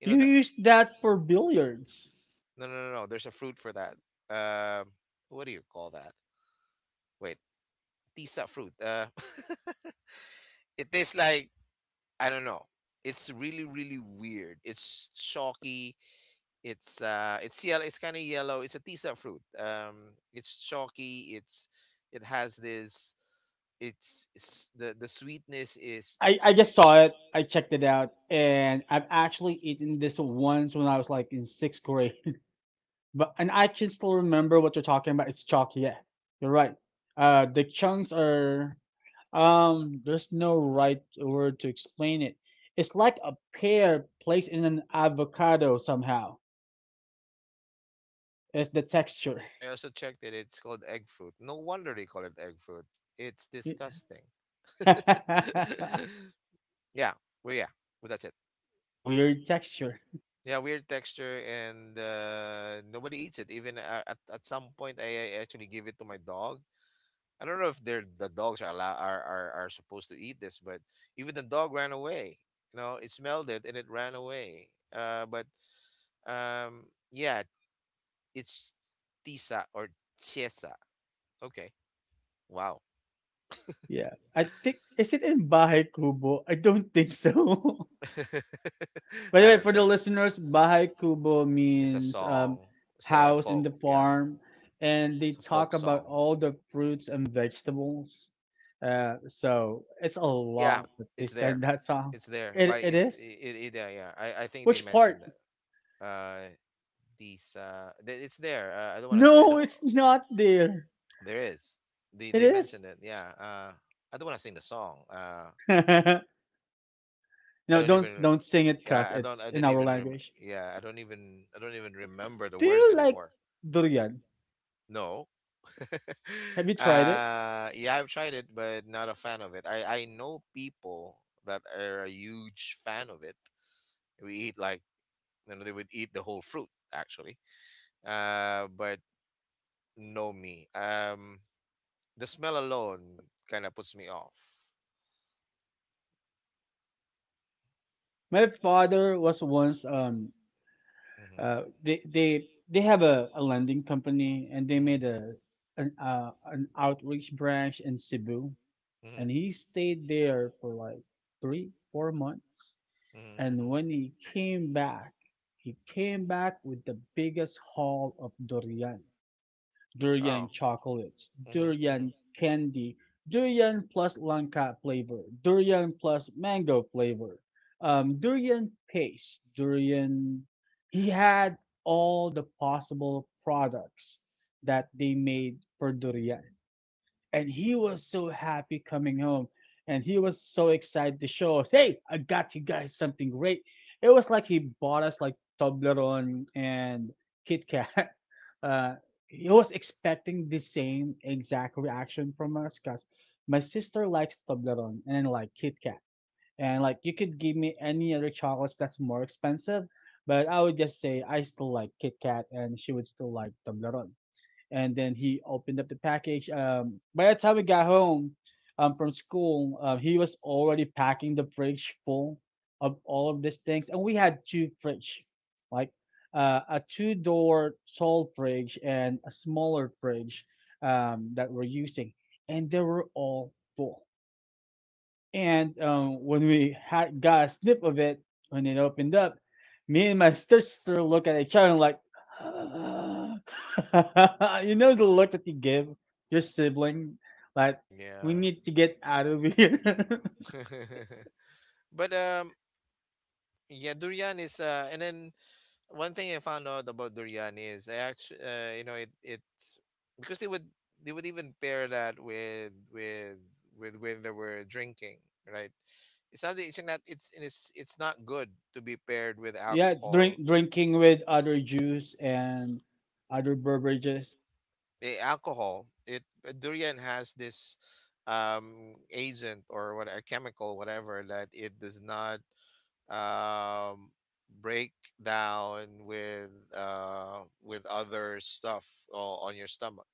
[SPEAKER 2] you know
[SPEAKER 1] you
[SPEAKER 2] the
[SPEAKER 1] used that for billiards.
[SPEAKER 2] no no no no there's a fruit for that um what do you call that, wait, tisa fruit it tastes like I don't know, it's really really weird, it's chalky. It's yellow, it's kind of yellow. It's a tisa fruit. It's chalky, it's it has this it's the sweetness is
[SPEAKER 1] I just saw it. I checked it out, and I've actually eaten this once when I was like in sixth grade. But and I can still remember what you're talking about. It's chalk, yeah. You're right. The chunks are there's no right word to explain it. It's like a pear placed in an avocado somehow. It's the texture.
[SPEAKER 2] I also checked that it's called egg fruit. No wonder they call it egg fruit. It's disgusting. Yeah, well, yeah, well, that's it.
[SPEAKER 1] Weird texture.
[SPEAKER 2] Yeah, weird texture, and nobody eats it. Even at some point, I actually gave it to my dog. I don't know if they're the dogs are allow are supposed to eat this, but even the dog ran away. You know, it smelled it and it ran away. But um, yeah, it's tisa or chesa. Okay, wow.
[SPEAKER 1] Yeah. I think is it in Bahay Kubo? I don't think so. By the
[SPEAKER 2] I
[SPEAKER 1] way,
[SPEAKER 2] don't
[SPEAKER 1] for the
[SPEAKER 2] think so.
[SPEAKER 1] listeners, Bahay Kubo
[SPEAKER 2] It's a
[SPEAKER 1] means
[SPEAKER 2] song. It's a
[SPEAKER 1] house in
[SPEAKER 2] folk.
[SPEAKER 1] the
[SPEAKER 2] Yeah,
[SPEAKER 1] farm, and they
[SPEAKER 2] it's a folk
[SPEAKER 1] talk about
[SPEAKER 2] song.
[SPEAKER 1] all the fruits and vegetables. So it's a
[SPEAKER 2] Yeah,
[SPEAKER 1] lot that they
[SPEAKER 2] it's there.
[SPEAKER 1] said that song.
[SPEAKER 2] It's there.
[SPEAKER 1] It
[SPEAKER 2] But
[SPEAKER 1] it
[SPEAKER 2] it's
[SPEAKER 1] is.
[SPEAKER 2] it, it yeah yeah. I think they
[SPEAKER 1] Which part?
[SPEAKER 2] mentioned that. Uh, it's there I don't want to I
[SPEAKER 1] No,
[SPEAKER 2] don't wa-
[SPEAKER 1] it's
[SPEAKER 2] no, it's
[SPEAKER 1] not there.
[SPEAKER 2] not there. There is
[SPEAKER 1] It
[SPEAKER 2] they
[SPEAKER 1] is.
[SPEAKER 2] mentioned it. Yes. Yeah I don't want to sing the song
[SPEAKER 1] No,
[SPEAKER 2] I don't even
[SPEAKER 1] don't
[SPEAKER 2] don't
[SPEAKER 1] sing it,
[SPEAKER 2] sing it.
[SPEAKER 1] cause
[SPEAKER 2] Yeah, I don't
[SPEAKER 1] it's
[SPEAKER 2] I
[SPEAKER 1] in
[SPEAKER 2] didn't
[SPEAKER 1] our language.
[SPEAKER 2] yeah I don't even remember the
[SPEAKER 1] Do
[SPEAKER 2] words
[SPEAKER 1] you like
[SPEAKER 2] anymore.
[SPEAKER 1] durian?
[SPEAKER 2] No.
[SPEAKER 1] Have you tried it?
[SPEAKER 2] Yeah I've tried it but not a fan of it. I know people that are a huge fan of it. We eat like, you know they would eat the whole fruit actually. But no me the smell alone kind of puts me off.
[SPEAKER 1] My father was once
[SPEAKER 2] Mm-hmm.
[SPEAKER 1] they they have a lending company and they
[SPEAKER 2] Mm-hmm.
[SPEAKER 1] made a an outreach branch in Cebu
[SPEAKER 2] Mm-hmm.
[SPEAKER 1] and he stayed there for like 3 or 4 months,
[SPEAKER 2] Mm-hmm.
[SPEAKER 1] and
[SPEAKER 2] Mm-hmm.
[SPEAKER 1] when he came back, he came back with the biggest haul of durian: durian
[SPEAKER 2] Oh.
[SPEAKER 1] chocolates,
[SPEAKER 2] Mm-hmm. Mm-hmm.
[SPEAKER 1] durian candy, durian plus langka flavor, durian plus mango flavor, durian paste, durian. He had all the possible products that they made for durian, and he was so happy coming home, and he was so excited to show us, hey, I got you guys something great. It was like he bought us like Toblerone and Kit Kat. uh, he was expecting the same exact reaction from us because my sister likes Toblerone and like Kit Kat, and like you could give me any other chocolates that's more expensive, but I would just say I still like Kit Kat and she would still like Toblerone. And then he opened up the package. By the time we got home from school, he was already packing the fridge full of all of these things, and we had two fridge, like a two-door tall fridge and a smaller fridge that we're using, and they were all full. And when we had got a snip of it, when it opened up, me and my sister look at each other and like, ah. You know the look that you give your sibling, like we
[SPEAKER 2] Yeah.
[SPEAKER 1] need to get out of here.
[SPEAKER 2] But yeah, durian is and then one thing I found out about durian is I actually, you know, it because they would even pair that with with when they were drinking, right? It's not it's it's not good to be paired with
[SPEAKER 1] Yeah,
[SPEAKER 2] alcohol.
[SPEAKER 1] drinking with other juice and other beverages.
[SPEAKER 2] Eh, alcohol, it durian has this agent or what a chemical whatever that it does not um, break down with other stuff on your stomach.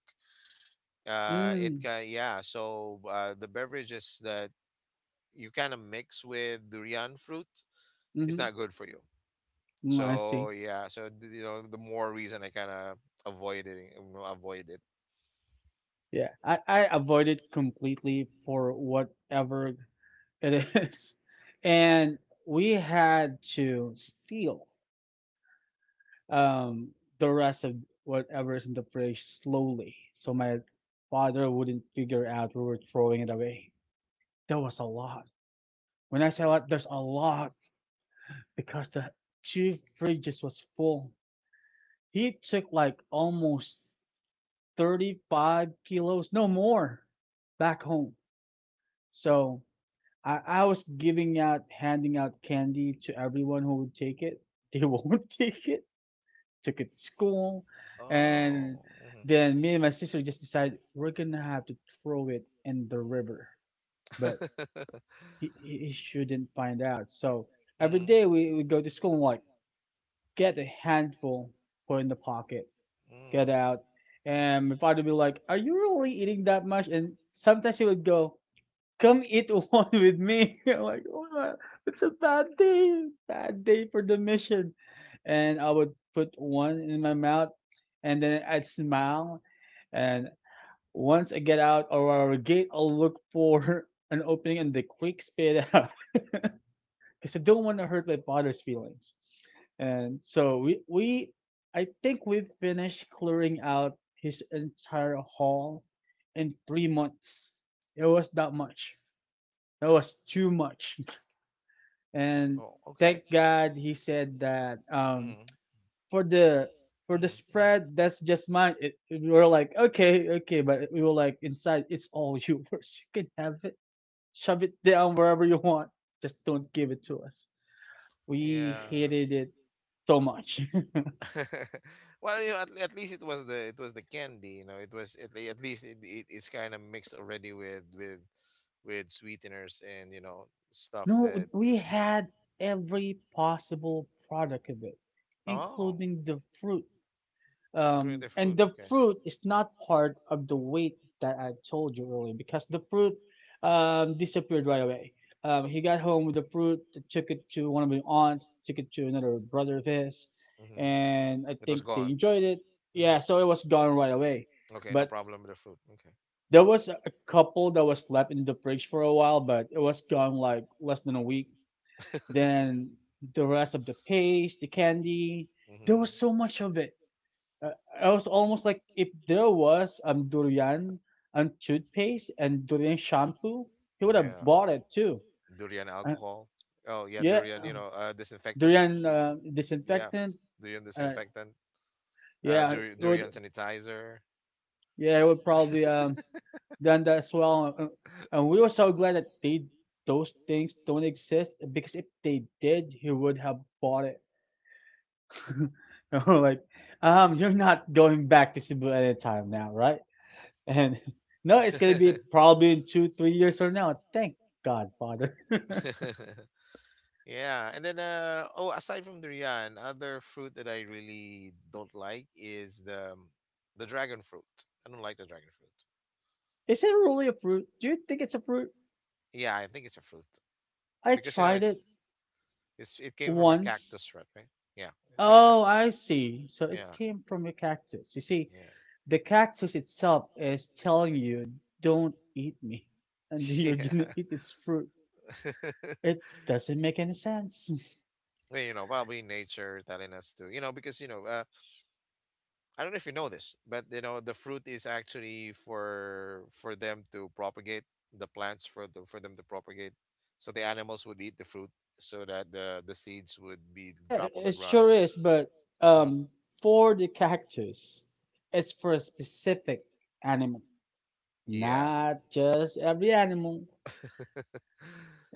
[SPEAKER 2] It
[SPEAKER 1] Mm,
[SPEAKER 2] can yeah. So the beverages that you kind of mix with durian fruit is
[SPEAKER 1] mm-hmm.
[SPEAKER 2] not good for you.
[SPEAKER 1] Mm, I
[SPEAKER 2] So
[SPEAKER 1] see.
[SPEAKER 2] yeah. You know the more reason I kind of avoid it. You know, avoid it.
[SPEAKER 1] Yeah, I avoid it completely for whatever it is. And we had to steal um, the rest of whatever is in the fridge slowly so my father wouldn't figure out we were throwing it away. There was a lot. When I say a lot, there's a lot because the two fridges was full. He took like almost 35 kilos, no more, back home. So I was giving out, handing out candy to everyone who would take it. They won't take it. Took it to school, and
[SPEAKER 2] Oh. Mhm.
[SPEAKER 1] then me and my sister just decided we're gonna have to throw it in the river. But he shouldn't find out. So every
[SPEAKER 2] Mhm.
[SPEAKER 1] day we would go to school and like get a handful, put in the pocket,
[SPEAKER 2] Mm.
[SPEAKER 1] get out. And my father would be like, "Are you really eating that much?" And sometimes he would go, come eat one with me. I'm like, "What? It's a bad day for the mission." And I would put one in my mouth and then I'd smile. And once I get out of our gate, I'll look for an opening and the quick spit out because I don't want to hurt my father's feelings. And so I think we finished clearing out his entire hall in 3 months. It was that much. That was too much. And
[SPEAKER 2] Oh, okay.
[SPEAKER 1] thank God he said that for the for the
[SPEAKER 2] Mm-hmm.
[SPEAKER 1] spread, that's just mine. It- we were like, okay, okay, but we were like, inside, it's all yours. You can have it, shove it down wherever you want. Just don't give it to us. We
[SPEAKER 2] Yeah.
[SPEAKER 1] hated it so much.
[SPEAKER 2] Well, you know, at least it was the candy. You know, it was at, at least it it's kind of mixed already with sweeteners and you know stuff
[SPEAKER 1] No,
[SPEAKER 2] that
[SPEAKER 1] we had every possible product of it,
[SPEAKER 2] oh,
[SPEAKER 1] including the fruit.
[SPEAKER 2] including the
[SPEAKER 1] And
[SPEAKER 2] fruit.
[SPEAKER 1] the
[SPEAKER 2] Okay.
[SPEAKER 1] fruit is not part of the weight that I told you earlier because the fruit disappeared right away. He got home with the fruit, took it to one of my aunts, took it to another brother of his,
[SPEAKER 2] Mm-hmm.
[SPEAKER 1] and I
[SPEAKER 2] It was
[SPEAKER 1] think they
[SPEAKER 2] gone.
[SPEAKER 1] enjoyed it.
[SPEAKER 2] Mm-hmm.
[SPEAKER 1] Yeah, so it was gone right away.
[SPEAKER 2] Okay, no
[SPEAKER 1] But
[SPEAKER 2] problem with the fruit. Okay.
[SPEAKER 1] there was a couple that was left in the fridge for a while, but it was gone like less than a week. Then the rest of the paste, the candy, there
[SPEAKER 2] Mm-hmm.
[SPEAKER 1] was so much of it, uh, I was almost like if there was durian and toothpaste and durian shampoo, he would have
[SPEAKER 2] Yeah.
[SPEAKER 1] bought it too.
[SPEAKER 2] Durian
[SPEAKER 1] Uh,
[SPEAKER 2] alcohol. Oh yeah,
[SPEAKER 1] yeah,
[SPEAKER 2] durian. You know, disinfectant.
[SPEAKER 1] durian
[SPEAKER 2] Yeah,
[SPEAKER 1] disinfectant.
[SPEAKER 2] durian
[SPEAKER 1] Uh,
[SPEAKER 2] disinfectant,
[SPEAKER 1] yeah, it would.
[SPEAKER 2] durian sanitizer.
[SPEAKER 1] Yeah, it would probably done that as well. And we were so glad that they those things don't exist because if they did, he would have bought it. And we're like, you're not going back to Cebu anytime now, right? And no, it's gonna be probably in two, 3 years from now. Thank God, Father.
[SPEAKER 2] Yeah, and then oh, aside from durian, other fruit that I really don't like is the dragon fruit. I don't like the dragon fruit.
[SPEAKER 1] Is it really a fruit? Do you think it's a fruit?
[SPEAKER 2] Yeah, I think it's a fruit
[SPEAKER 1] I
[SPEAKER 2] because you know
[SPEAKER 1] tried it
[SPEAKER 2] it's it came from a
[SPEAKER 1] once.
[SPEAKER 2] cactus, right? Right? Yeah, I think it's a
[SPEAKER 1] Oh,
[SPEAKER 2] fruit.
[SPEAKER 1] I see. So it
[SPEAKER 2] Yeah,
[SPEAKER 1] came from a cactus. You see,
[SPEAKER 2] yeah.
[SPEAKER 1] the cactus itself is telling you, don't eat me, and then you're gonna
[SPEAKER 2] Yeah.
[SPEAKER 1] eat its fruit. It doesn't make any sense.
[SPEAKER 2] Well, you know, probably nature telling us to, you know, because you know, I don't know if you know this, but you know, the fruit is actually for them to propagate the plants for the for them to propagate. So the animals would eat the fruit so that the seeds would be
[SPEAKER 1] Yeah,
[SPEAKER 2] dropped on the
[SPEAKER 1] it
[SPEAKER 2] ground.
[SPEAKER 1] sure is, but
[SPEAKER 2] Uh-huh.
[SPEAKER 1] um, for the cactus, it's for a specific animal,
[SPEAKER 2] Yeah.
[SPEAKER 1] not just every animal.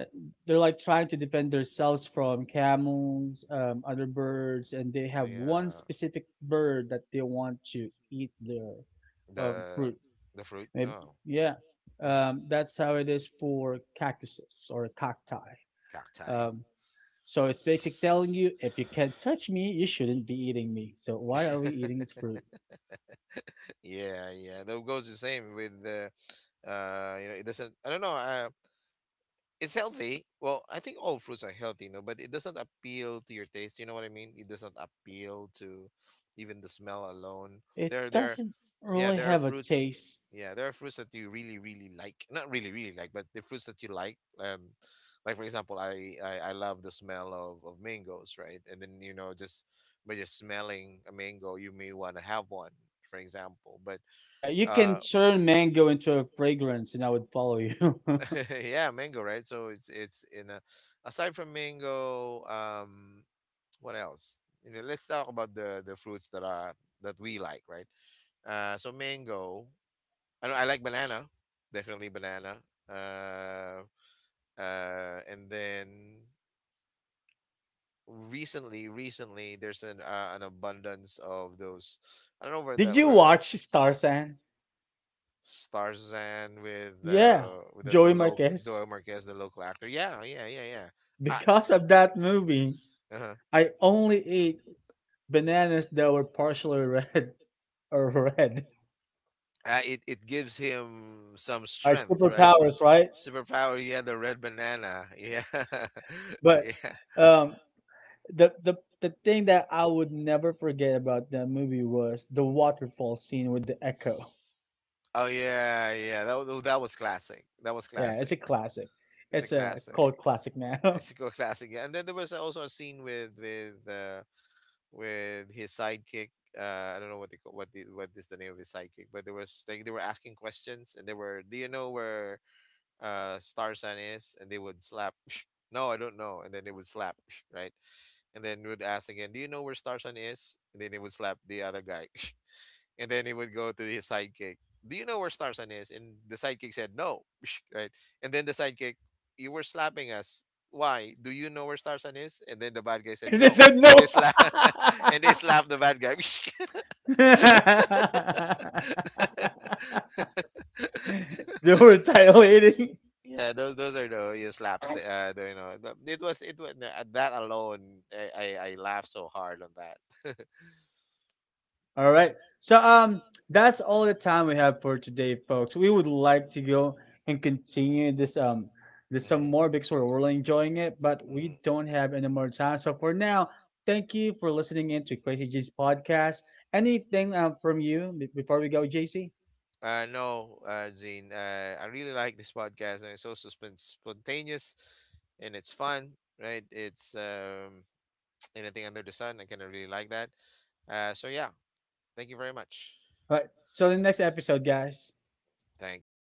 [SPEAKER 1] Uh, They're like trying to defend themselves from camels, other birds, and they have
[SPEAKER 2] The
[SPEAKER 1] one
[SPEAKER 2] uh,
[SPEAKER 1] specific bird that they want to eat their
[SPEAKER 2] specific the
[SPEAKER 1] fruit.
[SPEAKER 2] the fruit.
[SPEAKER 1] Maybe,
[SPEAKER 2] Oh,
[SPEAKER 1] yeah,
[SPEAKER 2] mhm.
[SPEAKER 1] that's how it is for cactuses or cacti.
[SPEAKER 2] Cacti.
[SPEAKER 1] Um, So it's basically telling
[SPEAKER 2] So
[SPEAKER 1] you
[SPEAKER 2] they
[SPEAKER 1] if you can't touch me, you shouldn't be eating me. So why are we
[SPEAKER 2] should.
[SPEAKER 1] eating its fruit?
[SPEAKER 2] Yeah, yeah. That goes the same with the you know, it doesn't. I don't know. It's healthy. Well, I think all fruits are healthy, you know, but it doesn't appeal to your taste. You know what I mean? It doesn't appeal to even the smell alone.
[SPEAKER 1] It
[SPEAKER 2] There, there,
[SPEAKER 1] doesn't
[SPEAKER 2] yeah,
[SPEAKER 1] really
[SPEAKER 2] there are
[SPEAKER 1] have a
[SPEAKER 2] fruits.
[SPEAKER 1] taste.
[SPEAKER 2] Yeah, there are fruits that you really, really like. Not really, really like, but the fruits that you like. Like for example, I love the smell of mangoes, right? And then you know, just by just smelling a mango, you may want to have one, for example. But
[SPEAKER 1] Yeah, you
[SPEAKER 2] uh,
[SPEAKER 1] can turn mango into a fragrance and I would follow you.
[SPEAKER 2] yeah, mango, right? So it's in a, aside from mango, what else? You know, let's talk about the fruits that are that we like, right? So mango. I know I like banana, definitely banana. Uh, and then recently there's an abundance of those. I don't know where
[SPEAKER 1] Did
[SPEAKER 2] that
[SPEAKER 1] you
[SPEAKER 2] were.
[SPEAKER 1] watch Starzan?
[SPEAKER 2] Starzan
[SPEAKER 1] Yeah,
[SPEAKER 2] with the
[SPEAKER 1] Joey
[SPEAKER 2] local
[SPEAKER 1] Marquez.
[SPEAKER 2] Joel Marquez, the local actor. Yeah, yeah, yeah, yeah. I,
[SPEAKER 1] Because of that movie,
[SPEAKER 2] uh-huh.
[SPEAKER 1] I only ate bananas that were partially red or red.
[SPEAKER 2] It it gives him some
[SPEAKER 1] Like
[SPEAKER 2] strength, right?
[SPEAKER 1] superpowers, right?
[SPEAKER 2] Superpower. Yeah, the red banana. Yeah,
[SPEAKER 1] But
[SPEAKER 2] yeah.
[SPEAKER 1] um, the the thing that I would never forget about that movie was the waterfall scene with the echo.
[SPEAKER 2] Oh yeah, yeah. That was classic. That was
[SPEAKER 1] Yeah, it's a
[SPEAKER 2] classic.
[SPEAKER 1] classic.
[SPEAKER 2] It's a
[SPEAKER 1] It's a cult
[SPEAKER 2] classic.
[SPEAKER 1] classic now.
[SPEAKER 2] It's a classic. Yeah. And then there was also a scene with with. With his sidekick. I don't know what they call, what the, what is the name of his sidekick, but there was like they were asking questions and they were, do you know where Starsan is? And they would slap. No, I don't know. And then they would slap, right? And then would ask again, do you know where Starsan is? And then they would slap the other guy. And then he would go to his sidekick. Do you know where Starsan is? And the sidekick said no, right? And then the sidekick, you were slapping us. Why? Do you know where Starsan is? And then the bad guy said
[SPEAKER 1] It's
[SPEAKER 2] no
[SPEAKER 1] a no.
[SPEAKER 2] and they slap and they slap the bad guy.
[SPEAKER 1] They were retaliating.
[SPEAKER 2] Yeah, those are the you slaps. That, the, you know, it was that alone. I laughed so hard on that.
[SPEAKER 1] All right. So that's all the time we have for today, folks. We would like to go and continue this some
[SPEAKER 2] Hmm.
[SPEAKER 1] more because we're really enjoying it, but we
[SPEAKER 2] Hmm.
[SPEAKER 1] don't have any more time. So for now, thank you for listening in to Crazy G's podcast. Anything from you be- before we go, JC?
[SPEAKER 2] No, Zine. I really like this podcast, and it's also spontaneous, and it's fun, right? It's anything under the sun. I kind of really like that. So yeah, thank you very much.
[SPEAKER 1] All right. So the next episode, guys.
[SPEAKER 2] Thanks.